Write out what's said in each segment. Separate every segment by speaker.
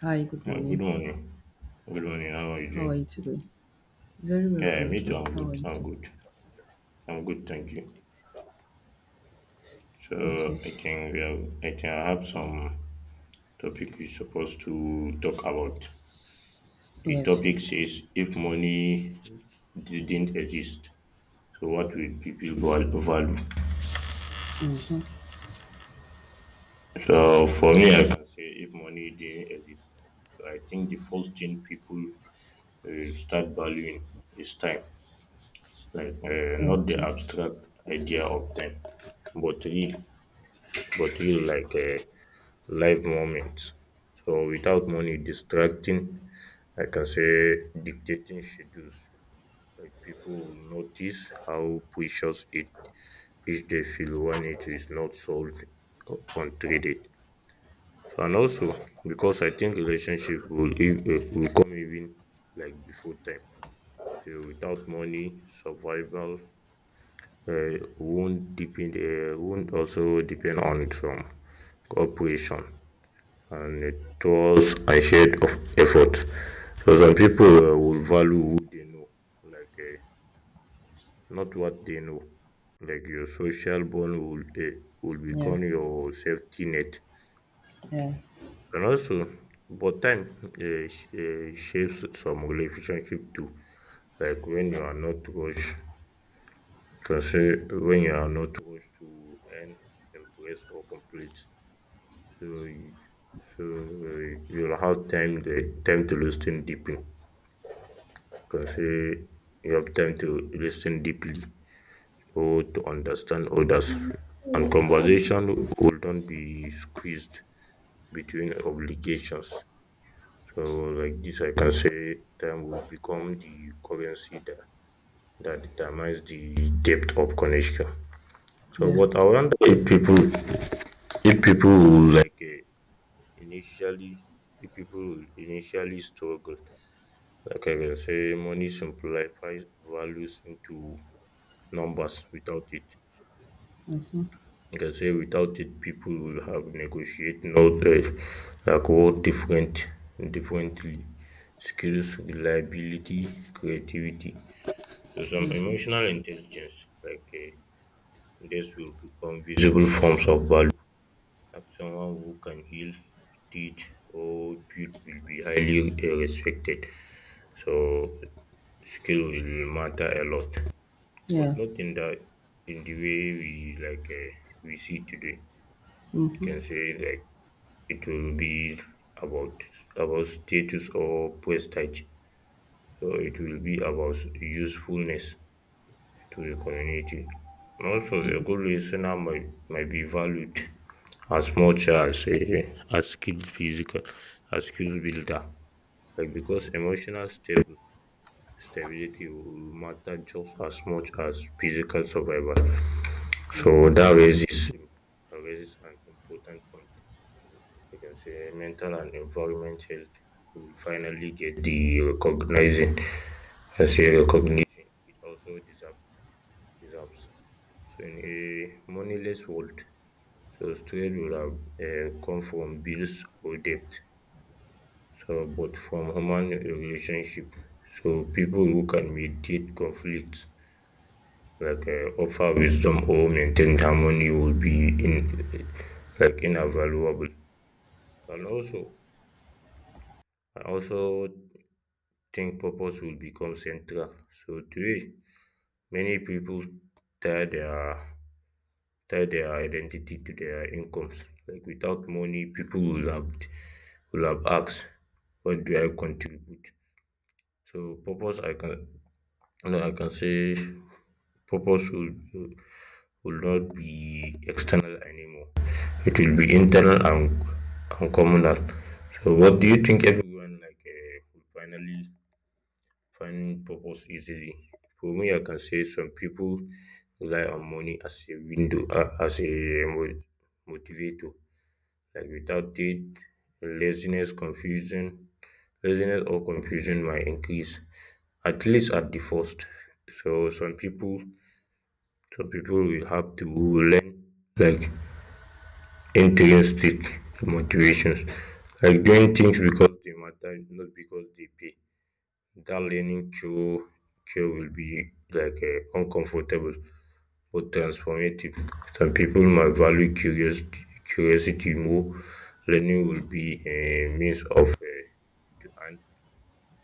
Speaker 1: Hi, good
Speaker 2: Good
Speaker 1: morning.
Speaker 2: morning. Good morning. How are you
Speaker 1: How are you
Speaker 2: doing?
Speaker 1: today? Very well,
Speaker 2: Yeah, me
Speaker 1: thank
Speaker 2: too.
Speaker 1: you.
Speaker 2: I'm
Speaker 1: How
Speaker 2: good.
Speaker 1: are you too?
Speaker 2: I'm good. Thank you.
Speaker 1: Okay.
Speaker 2: So I think we have, I think I have some topic we're supposed to talk about. The
Speaker 1: Yes,
Speaker 2: topic
Speaker 1: yes.
Speaker 2: says if money didn't exist, so what would people value?
Speaker 1: Mm-hmm.
Speaker 2: So for me, I can say if money didn't exist, so I think the first thing people start valuing is time, like not the
Speaker 1: Okay.
Speaker 2: abstract idea of time, but real like a live moment. So without money distracting, I can say dictating schedules. Like people will notice how precious it is they feel when it is not sold or untreated. So and also because I think relationship will will come even like before time. So without money, survival won't also depend on some cooperation and it was a shade of effort. So some people will value who they know, like not what they know. Like your social bond will
Speaker 1: Yeah,
Speaker 2: become your safety net,
Speaker 1: yeah,
Speaker 2: and also, but time shapes some relationship too. Like when you are not rushed, can say when you are not rushed to earn, impress, or complete. So, you- so you'll have time to listen deep in. Can say you have time to listen deeply or to understand others, and conversation will not be squeezed between obligations. So, like this, I can say time will become the currency that determines the depth of connection. So,
Speaker 1: yeah.
Speaker 2: but I wonder if people will initially, initially struggle. Like I can say, money simplifies values into numbers without it.
Speaker 1: Mm-hmm.
Speaker 2: You can say without it, people will have negotiate not like work differently. Skills, reliability, creativity. So some
Speaker 1: Mm-hmm.
Speaker 2: emotional intelligence this will become visible forms of value. Like someone who can heal, teach, or build will be highly respected. So skill will matter a lot, but
Speaker 1: Yeah.
Speaker 2: not in the way we we see today. You
Speaker 1: Mm-hmm.
Speaker 2: can say like it will be about about status or prestige. So it will be about usefulness to the community. Also, a good listener might be valued as much as a as skilled physical, as skills builder. Like because emotional stable stability will matter just as much as physical survival. So that raises raises an important point. You can say mental and environment health will finally get the recognizing and say recognition it also deserves. So in a moneyless world, so strength will have come from bills or debt. So but from human relationship. So people who can mediate conflicts offer wisdom or maintain harmony will be in like invaluable. And also and also think purpose will become central. So today, many people tie their tie their identity to their incomes. Like without money, people will have asked, what do I contribute? So purpose I can no, I can say purpose will not be external anymore. It will be internal and communal. So what do you think, everyone will finally finding purpose easily? For me, I can say some people rely on money as as a mo- motivator. Like without it, laziness, confusion, laziness or confusion might increase, at least at the first. So some people will have to learn like intrinsic motivations, like doing things because they matter, not because they pay. That learning cure cure will be uncomfortable but transformative. Some people might value curiosity curiosity more. Learning will be a means of to and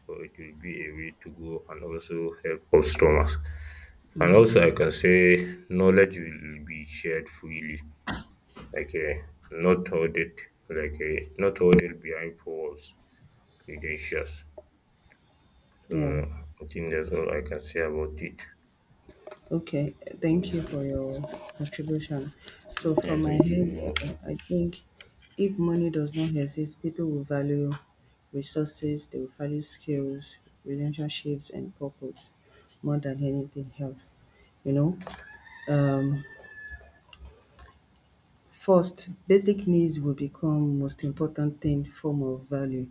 Speaker 2: or it will be a way to go and also help customers. And
Speaker 1: Yeah.
Speaker 2: also I can say knowledge will be shared freely, like um not hoarded not hoarded behind four walls, credentials. So
Speaker 1: Yeah.
Speaker 2: I think that's all I can say about it.
Speaker 1: Okay. Thank you for
Speaker 2: Yeah,
Speaker 1: your contribution. So, from my
Speaker 2: thank you. You
Speaker 1: head,
Speaker 2: know.
Speaker 1: I think if money does not exist, people will value resources, they will value skills, relationships, and purpose more than anything else. You know, um, First, basic needs will become most important thing form of value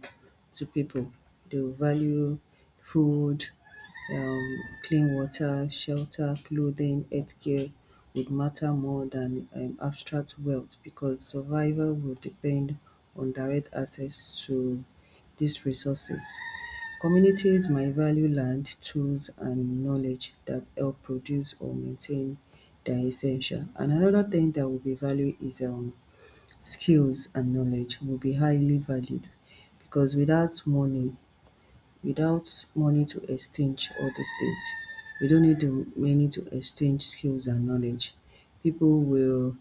Speaker 1: to people. They will value food, um, clean water, shelter, clothing, healthcare would matter more than abstract wealth because survival will depend on direct access to these resources. Communities might value land, tools, and knowledge that help produce or maintain their essential. And another thing that will be valued is skills and knowledge will be highly valued because without money to exchange all these things, we don't need the money to exchange skills and knowledge. People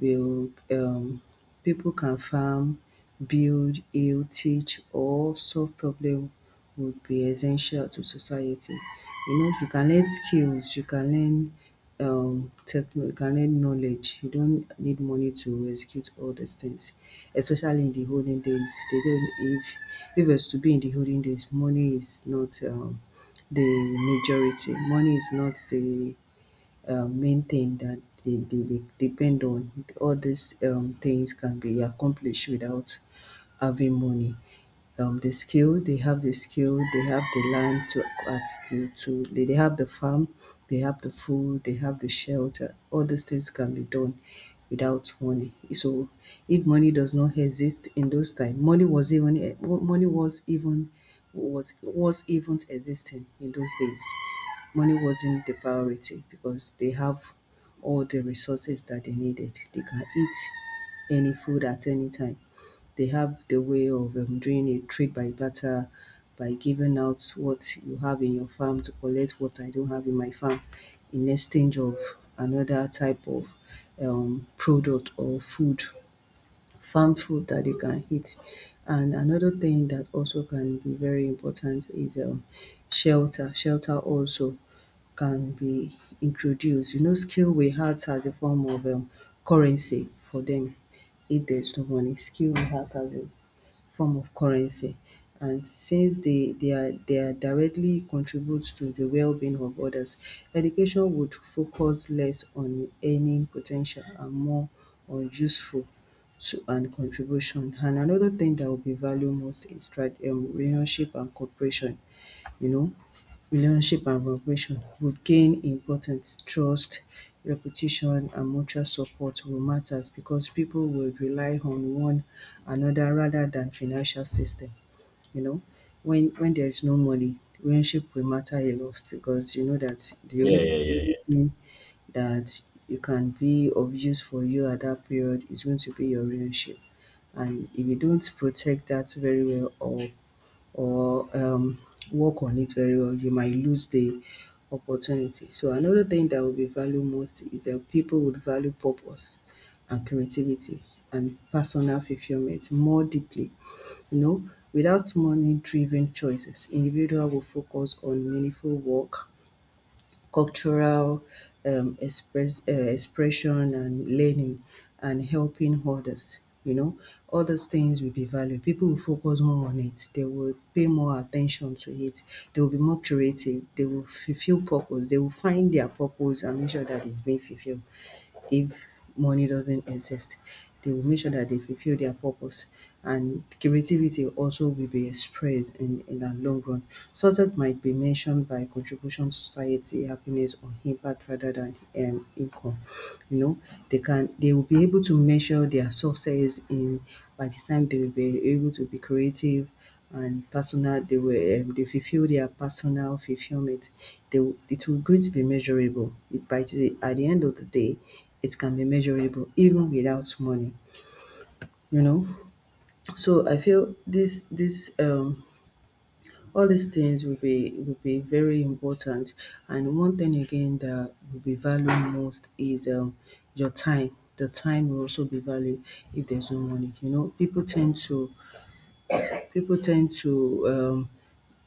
Speaker 1: will people can farm, build, heal, teach, or solve problem would be essential to society. You know, if you can learn skills, you can learn techno you knowledge. You don't need money to execute all these things, especially in the olden days. They don't if it's to be in the olden days, money is not the majority. Money is not the main thing that they depend on. All these things can be accomplished without having money, they have the skill, they have the land, to, at, to they have the farm, they have the food, they have the shelter. All these things can be done without money. So if money does not exist in those times, money was even existing in those days. Money wasn't the priority because they have all the resources that they needed. They can eat any food at any time they have the way of doing a trade by barter by giving out what you have in your farm to collect what I don't have in my farm in exchange of another type of product or food, farm food that they can eat. And another thing that also can be very important is shelter. Shelter also can be introduced. Skill we had as a form of currency for them if there's no money. Skill we had as a form of currency and since they are directly contribute to the well-being of others. Education would focus less on earning potential and more on useful to and contribution. And another thing that will be valued most is tra relationship and cooperation you know Relationship and cooperation would gain importance, trust, reputation and mutual support will matter because people will rely on one another rather than financial system, you know. When there is no money, relationship will matter a lot because you know that the
Speaker 2: Yeah,
Speaker 1: only
Speaker 2: yeah, yeah.
Speaker 1: thing that you can be of use for you at that period is going to be your relationship, and if you don't protect that very well or or um, work on it very well, you might lose the opportunity. So another thing that will be valued most is that people would value purpose and creativity and personal fulfillment more deeply. Without money driven choices, individual will focus on meaningful work, cultural expression and learning and helping others. All those things will be valued. People will focus more on it. They will pay more attention to it. They will be more creative. They will fulfill purpose. They will find their purpose and make sure that it's being fulfilled if money doesn't exist. They will make sure that they fulfill their purpose, and creativity also will be expressed in the long run. Success might be mentioned by contribution to society, happiness or impact rather than income. You know, they will be able to measure their success in by the time they will be able to be creative, and personal they were they fulfill their personal fulfillment. It will going to be measurable, at the end of the day it can be measurable even without money you know so I feel this, all these things will be very important, and one thing again that will be valued most is your time. The time will also be valued if there's no money. People tend to,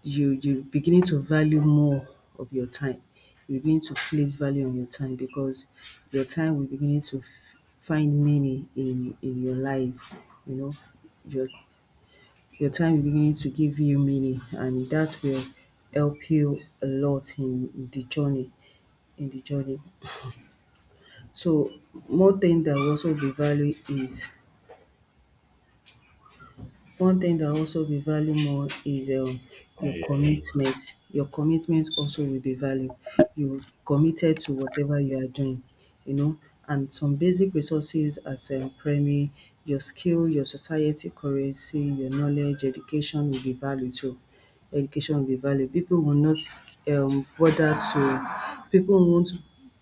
Speaker 1: you beginning to value more of your time. You begin to place value on your time because your time will beginning to find meaning in your life. You know, your your time will beginning to give you meaning, and that will help you a lot in the journey. In the journey, so more thing that will also be value is One thing that also be value more is
Speaker 2: Yeah,
Speaker 1: your
Speaker 2: yeah, yeah.
Speaker 1: commitment. Your commitment also will be value. You committed to whatever you are doing, you know, and some basic resources as primary, your skill, your society currency, your knowledge, education will be value too. Education will be value. People will not bother to People won't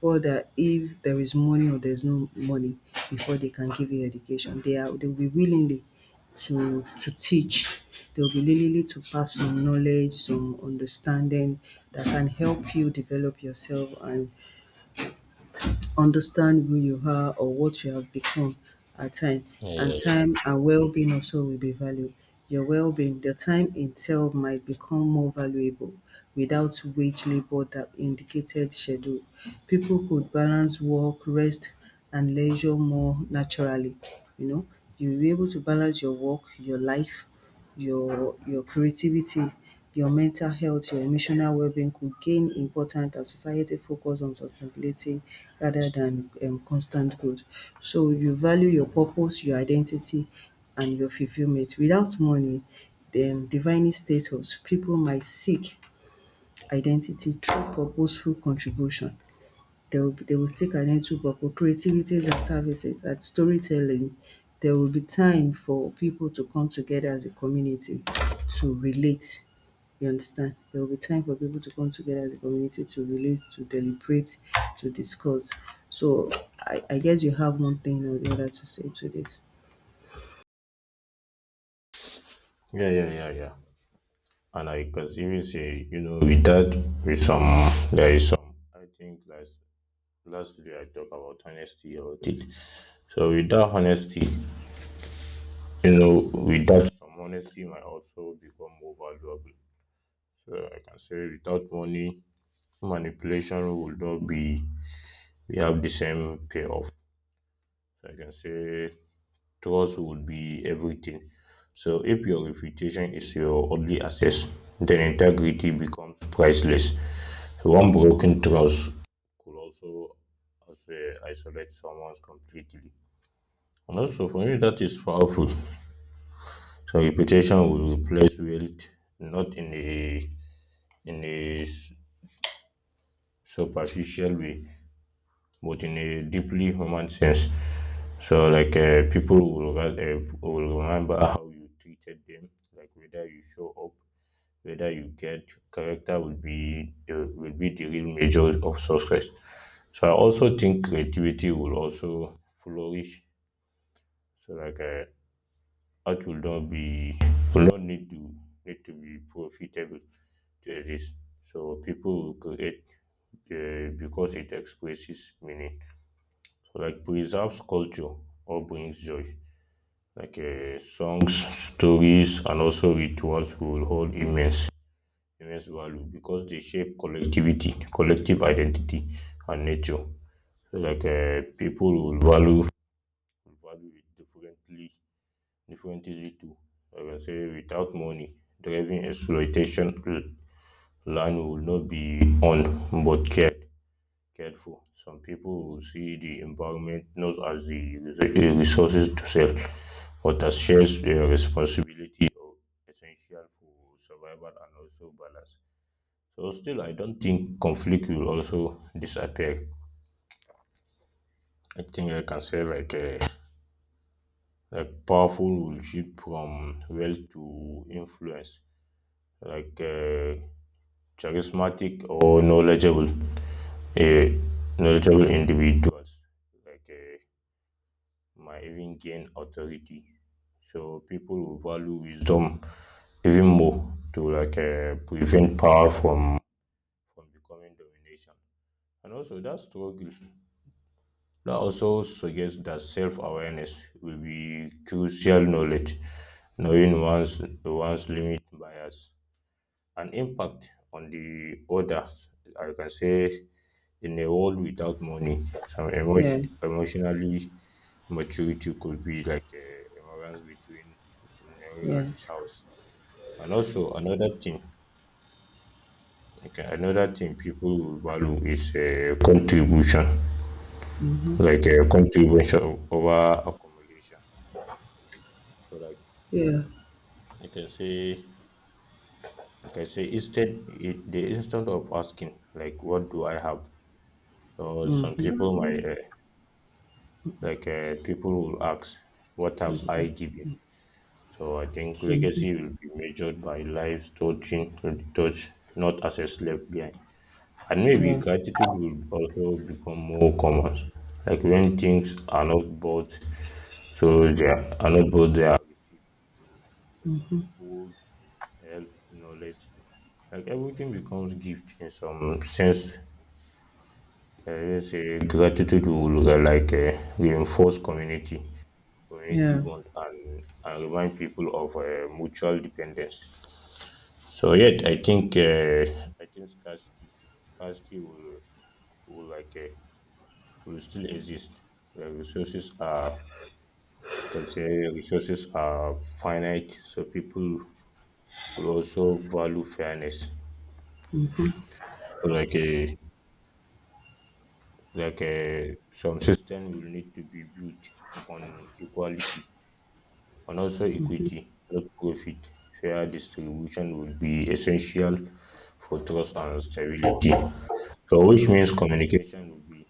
Speaker 1: bother if there is money or there's no money before they can give you education. They will be willingly to teach. They'll be willing to pass some knowledge, some understanding that can help you develop yourself and understand who you are or what you have become at time.
Speaker 2: Yeah, yeah,
Speaker 1: And
Speaker 2: yeah, yeah.
Speaker 1: time and well-being also will be valued, your well-being. The time itself might become more valuable without wage labor that indicated schedule. People could balance work, rest and leisure more naturally you know you'll be able to balance your work, your life, your creativity, your mental health, your emotional well-being could gain important as society focus on sustainability rather than constant growth. So you value your purpose, your identity and your fulfillment. Without money dem defining status, people might seek identity through purposeful contribution. They will seek identity through purpose, creativities and services and storytelling. There will be time for people to come together as a community to relate, you understand? There will be time for people to come together as a community to relate, to deliberate, to discuss. So I guess you have one thing or the other to say to this.
Speaker 2: Yeah, yeah, yeah, yeah. And I can even say, you know, with that, with some, there is some. I think last day I talk about honesty about it. So with that honesty, you know, with that some honesty might also become more valuable. So I can say without money, manipulation would not be. We have the same payoff. So I can say trust would be everything. So if your reputation is your only asset, then integrity becomes priceless. One broken trust could also uh, isolate someone completely. And also, for me, that is powerful. So reputation will replace wealth, not in in a s- superficial way, but in a deeply human sense. So, people will will remember how you treated them, like whether you show up, whether you get. Character will be the real measure of success. So I also think creativity will also flourish. So art will not be will not need to be profitable to exist. So people will create because it expresses meaning. So like preserves culture or brings joy. Songs, stories, and also rituals will hold immense value because they shape collective identity and nature. So people will value it differently too. I can say without money, driving exploitation, land will not be owned but cared for. Some people will see the environment not as the resources to sell, but as shares their responsibility or essential for survival and also balance. So still, I don't think conflict will also disappear. I think I can say like a like powerful will shift from wealth to influence, like uh, charismatic or uh, knowledgeable individuals like uh, might even gain authority. So people will value wisdom even more to prevent power from becoming domination. And also that struggle That also suggests that self-awareness will be crucial knowledge, knowing one's limit bias, and impact on the other. I can say in a world without money,
Speaker 1: Yeah.
Speaker 2: emotionally maturity could be like a balance between Mary and
Speaker 1: Yes.
Speaker 2: Charles. And also another thing, like another thing people will value is a contribution,
Speaker 1: Mm-hmm.
Speaker 2: like a contribution over accumulation. So like
Speaker 1: Yeah.
Speaker 2: you can say instead it, the instead of asking like, what do I have? So some
Speaker 1: Mm-hmm.
Speaker 2: people might people will ask, what
Speaker 1: Can
Speaker 2: have
Speaker 1: do that.
Speaker 2: I given? So I think
Speaker 1: Mhm.
Speaker 2: legacy will be measured by lives touch, not as a slave behind. And maybe
Speaker 1: Yeah,
Speaker 2: gratitude will also become more common. Like when things are not bought, so are not bought, they are received. So some food, help, knowledge, like everything becomes gift in some sense. Like I just say gratitude will reinforce community
Speaker 1: yeah,
Speaker 2: bond and remind people of mutual dependence. So yet I think i think scarcity scarcity will will like uh, will still exist. Like can say resources are finite, so people will also value fairness. So some system will need to be built on equality and also equity, not profit. Fair distribution will be essential for trust and stability. So, which means communication will be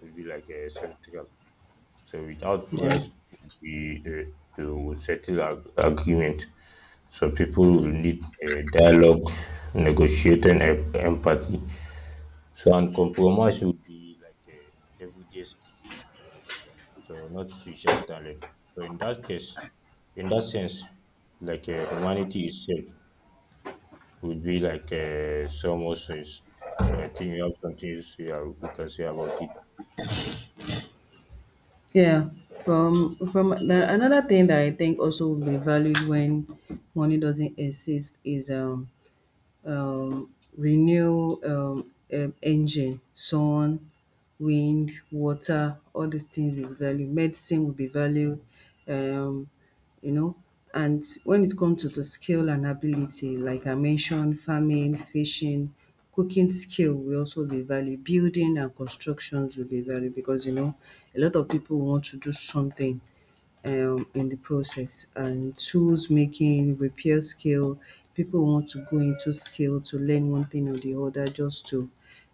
Speaker 2: will be like a central. So, without
Speaker 1: yeah,
Speaker 2: price we, uh, to settle agreement, so people will need a dialogue, negotiating, and empathy. So, and compromise will be like a everyday skill, so not social talent. So in that sense, humanity itself would be so much sense. So I think you have something you can say about it.
Speaker 1: yeah. Another thing that I think also will be valued when money doesn't exist is um, renew, engine, sun, wind, water, all these things will be valued. Medicine will be valued, um, you know. And when it comes to the skill and ability, like I mentioned, farming, fishing, cooking skill will also be valued. Building and constructions will be valued because a lot of people want to do something, in the process, and tools making repair skill, people want to go into skill to learn one thing or the other just to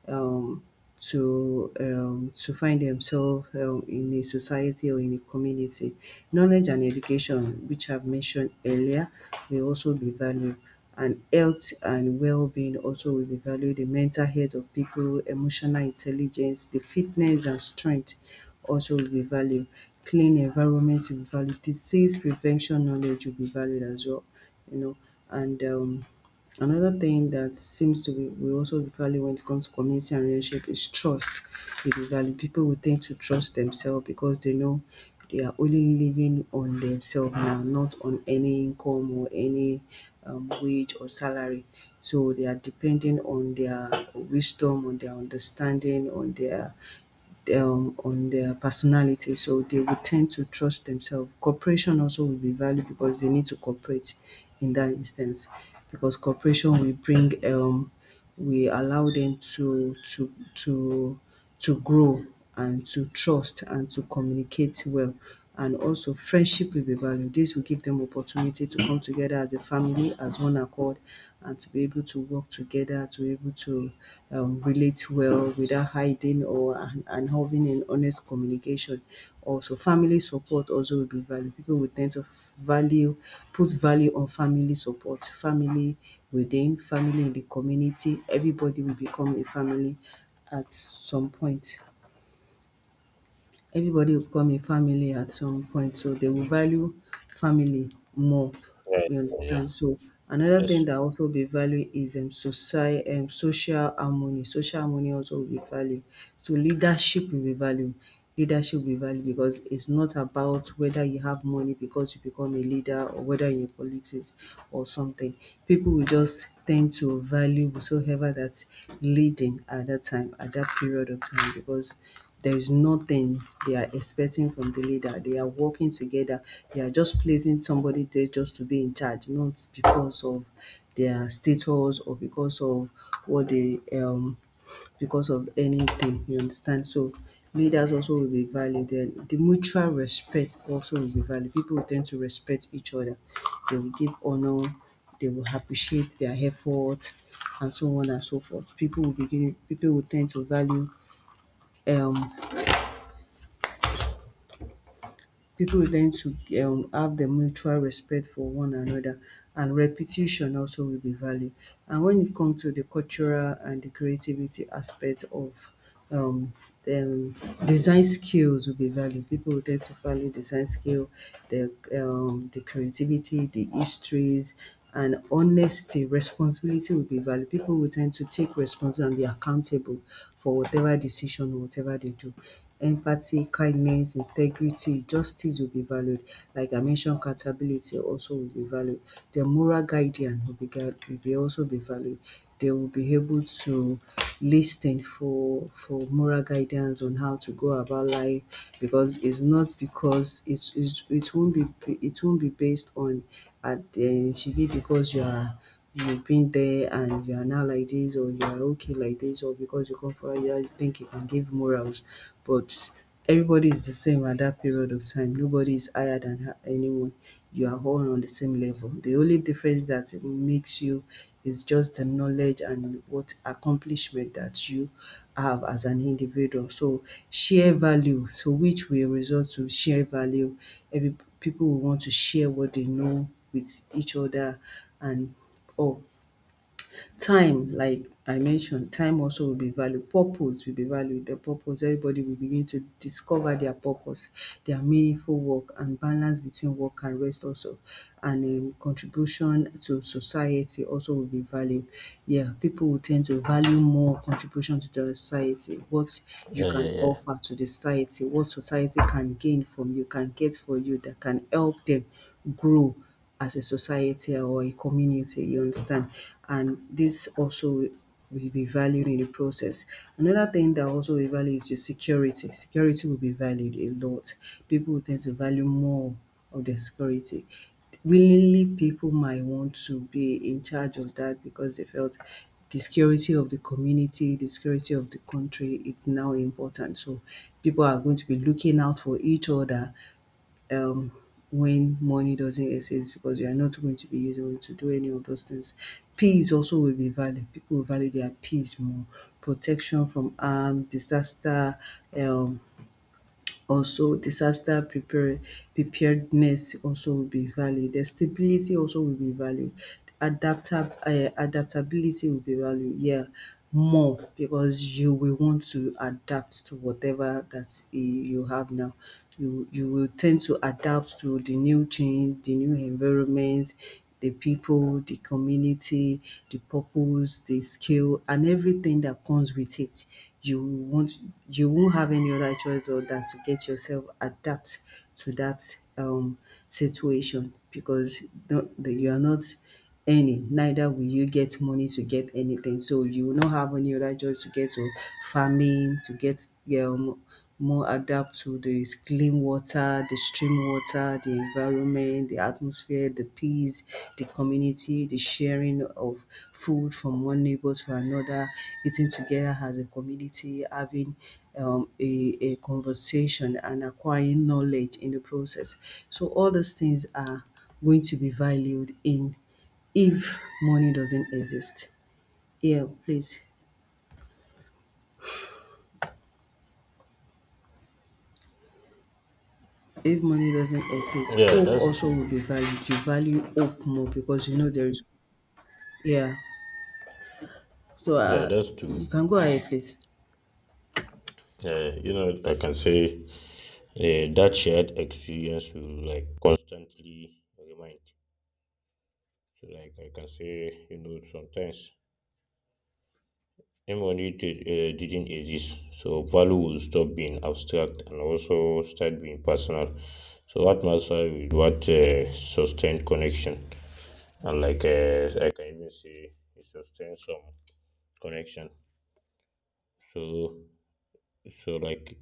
Speaker 1: um, find themselves, in a society or in a community. Knowledge and education which I've mentioned earlier will also be valued. And health and well-being also will be valued, the mental health of people, emotional intelligence, the fitness and strength also will be valued, clean environment will be valued, disease prevention knowledge will be valued as well, you know. And another thing that seems to be will also be valued when it comes to community and relationship is trust. It will be valued. People will tend to trust themselves because they know they are only living on themselves now, not on any income or any, wage or salary. So they are depending on their wisdom, on their understanding, on their personality, so they will tend to trust themselves. Cooperation also will be valued because they need to cooperate in that instance because cooperation will allow them to grow and to trust and to communicate well. And also friendship will be valued. This will give them opportunity to come together as a family, as one accord, and to be able to work together, to be able to, relate it well without hiding and having an honest communication. Also, family support also will be valued, people will tend to value put value on family support, family within family in the community, everybody will become a family at some point, everybody will become a family at some point, so they will value family more,
Speaker 2: Yeah,
Speaker 1: you
Speaker 2: yeah,
Speaker 1: understand? So another thing
Speaker 2: yes,
Speaker 1: that also be value is society, social harmony. Social harmony also will be value. So leadership will be value. Leadership will be value because it's not about whether you have money because you become a leader or whether you're in politics or something. People will just tend to value whosoever that's leading at that time, at that period of time because there is nothing they are expecting from the leader. They are working together. They are just placing somebody there just to be in charge, not because of their status or because of what they because of anything. You understand? So leaders also will be valued. Then the mutual respect also will be valued. People will tend to respect each other. They will give honor. They will appreciate their effort and so on and so forth. People will begin. People will tend to value um people learn to have the mutual respect for one another and repetition also will be valued. And when it comes to the cultural and the creativity aspect of um, um, design skills will be valued. People will tend to value design skill, the the creativity, the histories, and honesty, responsibility will be valued. People will tend to take responsibility and be accountable for whatever decision or whatever they do. Empathy, kindness, integrity, justice will be valued. Like I mentioned, accountability also will be valued. Their moral guidance will be also be valued. They will be able to listen for moral guidance on how to go about life because it's not because it won't be based on and she be because you are you've been there and you are now like this or you are okay like this or because you come from here you think you can give morals but everybody is the same at that period of time nobody is higher than anyone. You are all on the same level. The only difference that makes you is just the knowledge and what accomplishment that you have as an individual. So which will result to share value. Every people will want to share what they know with each other and all. Time like I mentioned, time also will be valued, purpose will be valued, the purpose everybody will begin to discover their purpose, their meaningful work and balance between work and rest also and contribution to society also will be valued. Yeah, people will tend to value more contribution to the society, what you
Speaker 2: yeah, yeah,
Speaker 1: can
Speaker 2: yeah.
Speaker 1: offer to the society, what society can gain from you, can get for you, that can help them grow as a society or a community, you understand? And this also will be valued in the process. Another thing that also we value is your security. Security will be valued a lot. People will tend to value more of their security. Willingly, people might want to be in charge of that because they felt the security of the community, the security of the country. It's now important. So people are going to be looking out for each other um, when money doesn't exist because you are not going to be using it to do any of those things. Peace also will be valued. People will value their peace more. Protection from harm, disaster, um, also disaster prepare, preparedness also will be valued. The stability also will be valued. Adaptability will be valued, yeah, more because you will want to adapt to whatever that you have now. You will tend to adapt to the new change, the new environment, the people, the community, the purpose, the skill, and everything that comes with it. You won't you won't have any other choice other than to get yourself adapt to that situation because don't, you are not any, neither will you get money to get anything. So you will not have any other choice to get to farming, to get um, more adapt to the clean water, the stream water, the environment, the atmosphere, the peace, the community, the sharing of food from one neighbor to another, eating together as a community, having a conversation and acquiring knowledge in the process. So all these things are going to be valued in if money doesn't exist. Yeah, please. If money doesn't exist,
Speaker 2: Yeah,
Speaker 1: hope
Speaker 2: that's
Speaker 1: also
Speaker 2: true.
Speaker 1: will be valued. You value hope more because you know there is yeah. So
Speaker 2: Yeah, that's
Speaker 1: you
Speaker 2: true.
Speaker 1: can go ahead, please.
Speaker 2: You know, I can say that shared experience will like constantly remind. So, like I can say, you know, sometimes if didn't exist, so value will stop being abstract and also start being personal. So what matters with what sustained connection, and I can even say, it sustains some connection. So so like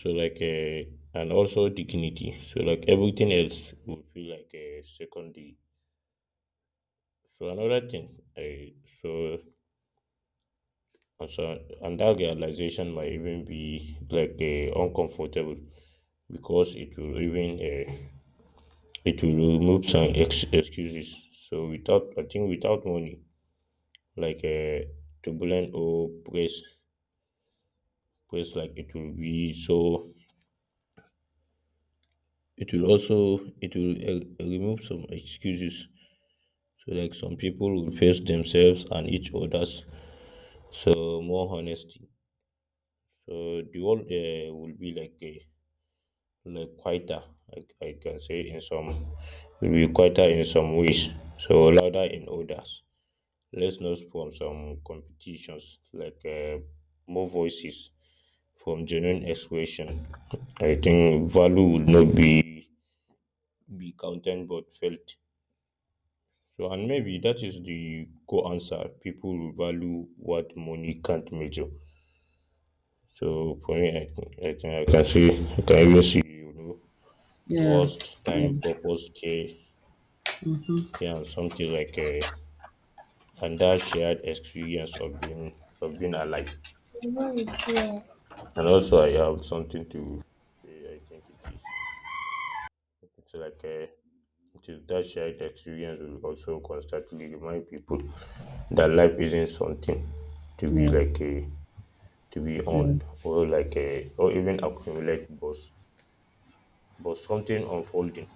Speaker 2: so and also dignity. So like everything else will feel like a secondary. So another thing, so and so and that realization might even be uncomfortable because it will even it will remove some excuses. So without, I think, without money, like to or press press like it will be so it will also it will remove some excuses. So like some people will face themselves and each others. So more honesty. So the world will be like quieter. Like I can say in some will be quieter in some ways. So louder in others. Let's not from some competitions, more voices from genuine expression. I think value would not be be counted but felt. So and maybe that is the core answer. People will value what money can't measure. So for me, I can even see, you know,
Speaker 1: Yeah,
Speaker 2: trust,
Speaker 1: yeah,
Speaker 2: time, purpose, care, and something like a and that shared experience of being alive. And also, I have something to say. I think it is. It's it is that shared experience will also constantly remind people that life isn't something to be
Speaker 1: yeah,
Speaker 2: like a to be on
Speaker 1: yeah,
Speaker 2: or like a or even accumulate, but something unfolding.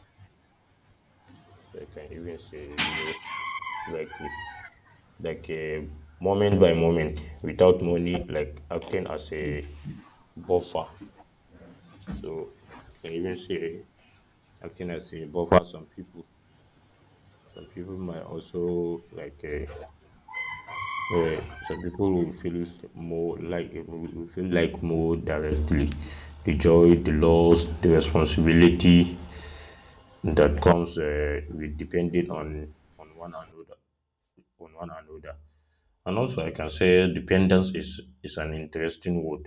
Speaker 2: So I can even say, you know, like a- like a moment by moment without money like acting as a buffer. So I can even say acting as a buffer, some people Some people might also like some people will feel like more directly the joy, the loss, the responsibility that comes with depending on one another. And also, I can say dependence is an interesting word.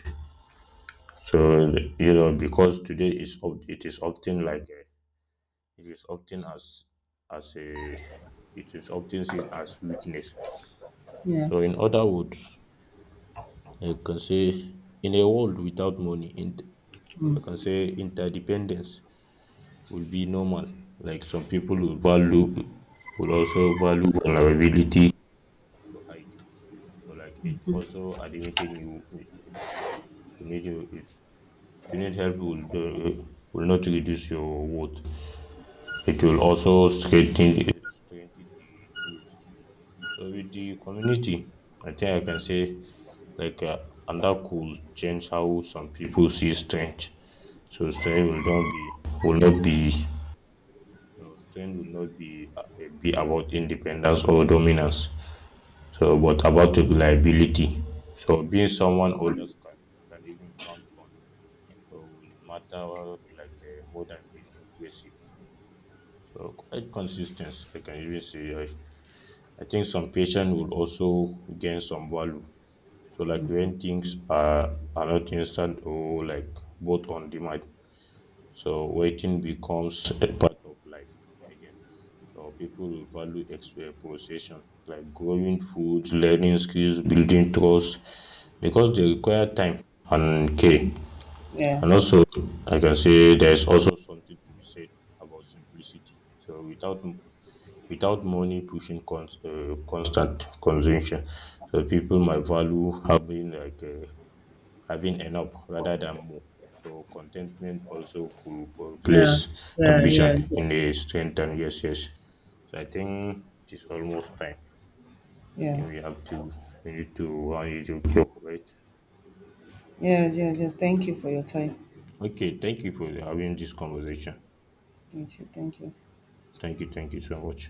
Speaker 2: So you know, because today it is often it is often as a it is often seen as weakness.
Speaker 1: yeah,
Speaker 2: So in other words, I can say in a world without money, int I can say interdependence will be normal. Like some people will value will also value vulnerability to hide. So like it, also admitting need you, to need help will do, will not reduce your worth. It will also strengthen the truth. So with the community, I think I can say like uh, and that could change how some people see strange. So will not be no, strange will not be be about independence or dominance. So but about reliability. So being someone others can even count on. So will matter more than being impressive. So quite consistent, I can even say. I think some patient will also gain some value. So like when things are not instant or like both on demand, so waiting becomes a part of life again. So people will value possession like growing food, learning skills, building trust, because they require time and care.
Speaker 1: yeah,
Speaker 2: And also, I can say there's also something to be said about simplicity. So without money pushing constant consumption, so people might value having having enough rather than more. So contentment also could replace
Speaker 1: yeah, yeah,
Speaker 2: ambition
Speaker 1: yeah, yes,
Speaker 2: in a
Speaker 1: yes.
Speaker 2: strengthen. Yes, yes. So I think it is almost time.
Speaker 1: Yeah,
Speaker 2: Then we need to run it to right.
Speaker 1: yes, yes, yes. Thank you for your time.
Speaker 2: Okay, thank you for having this conversation.
Speaker 1: Thank you. Thank you.
Speaker 2: Thank you so much.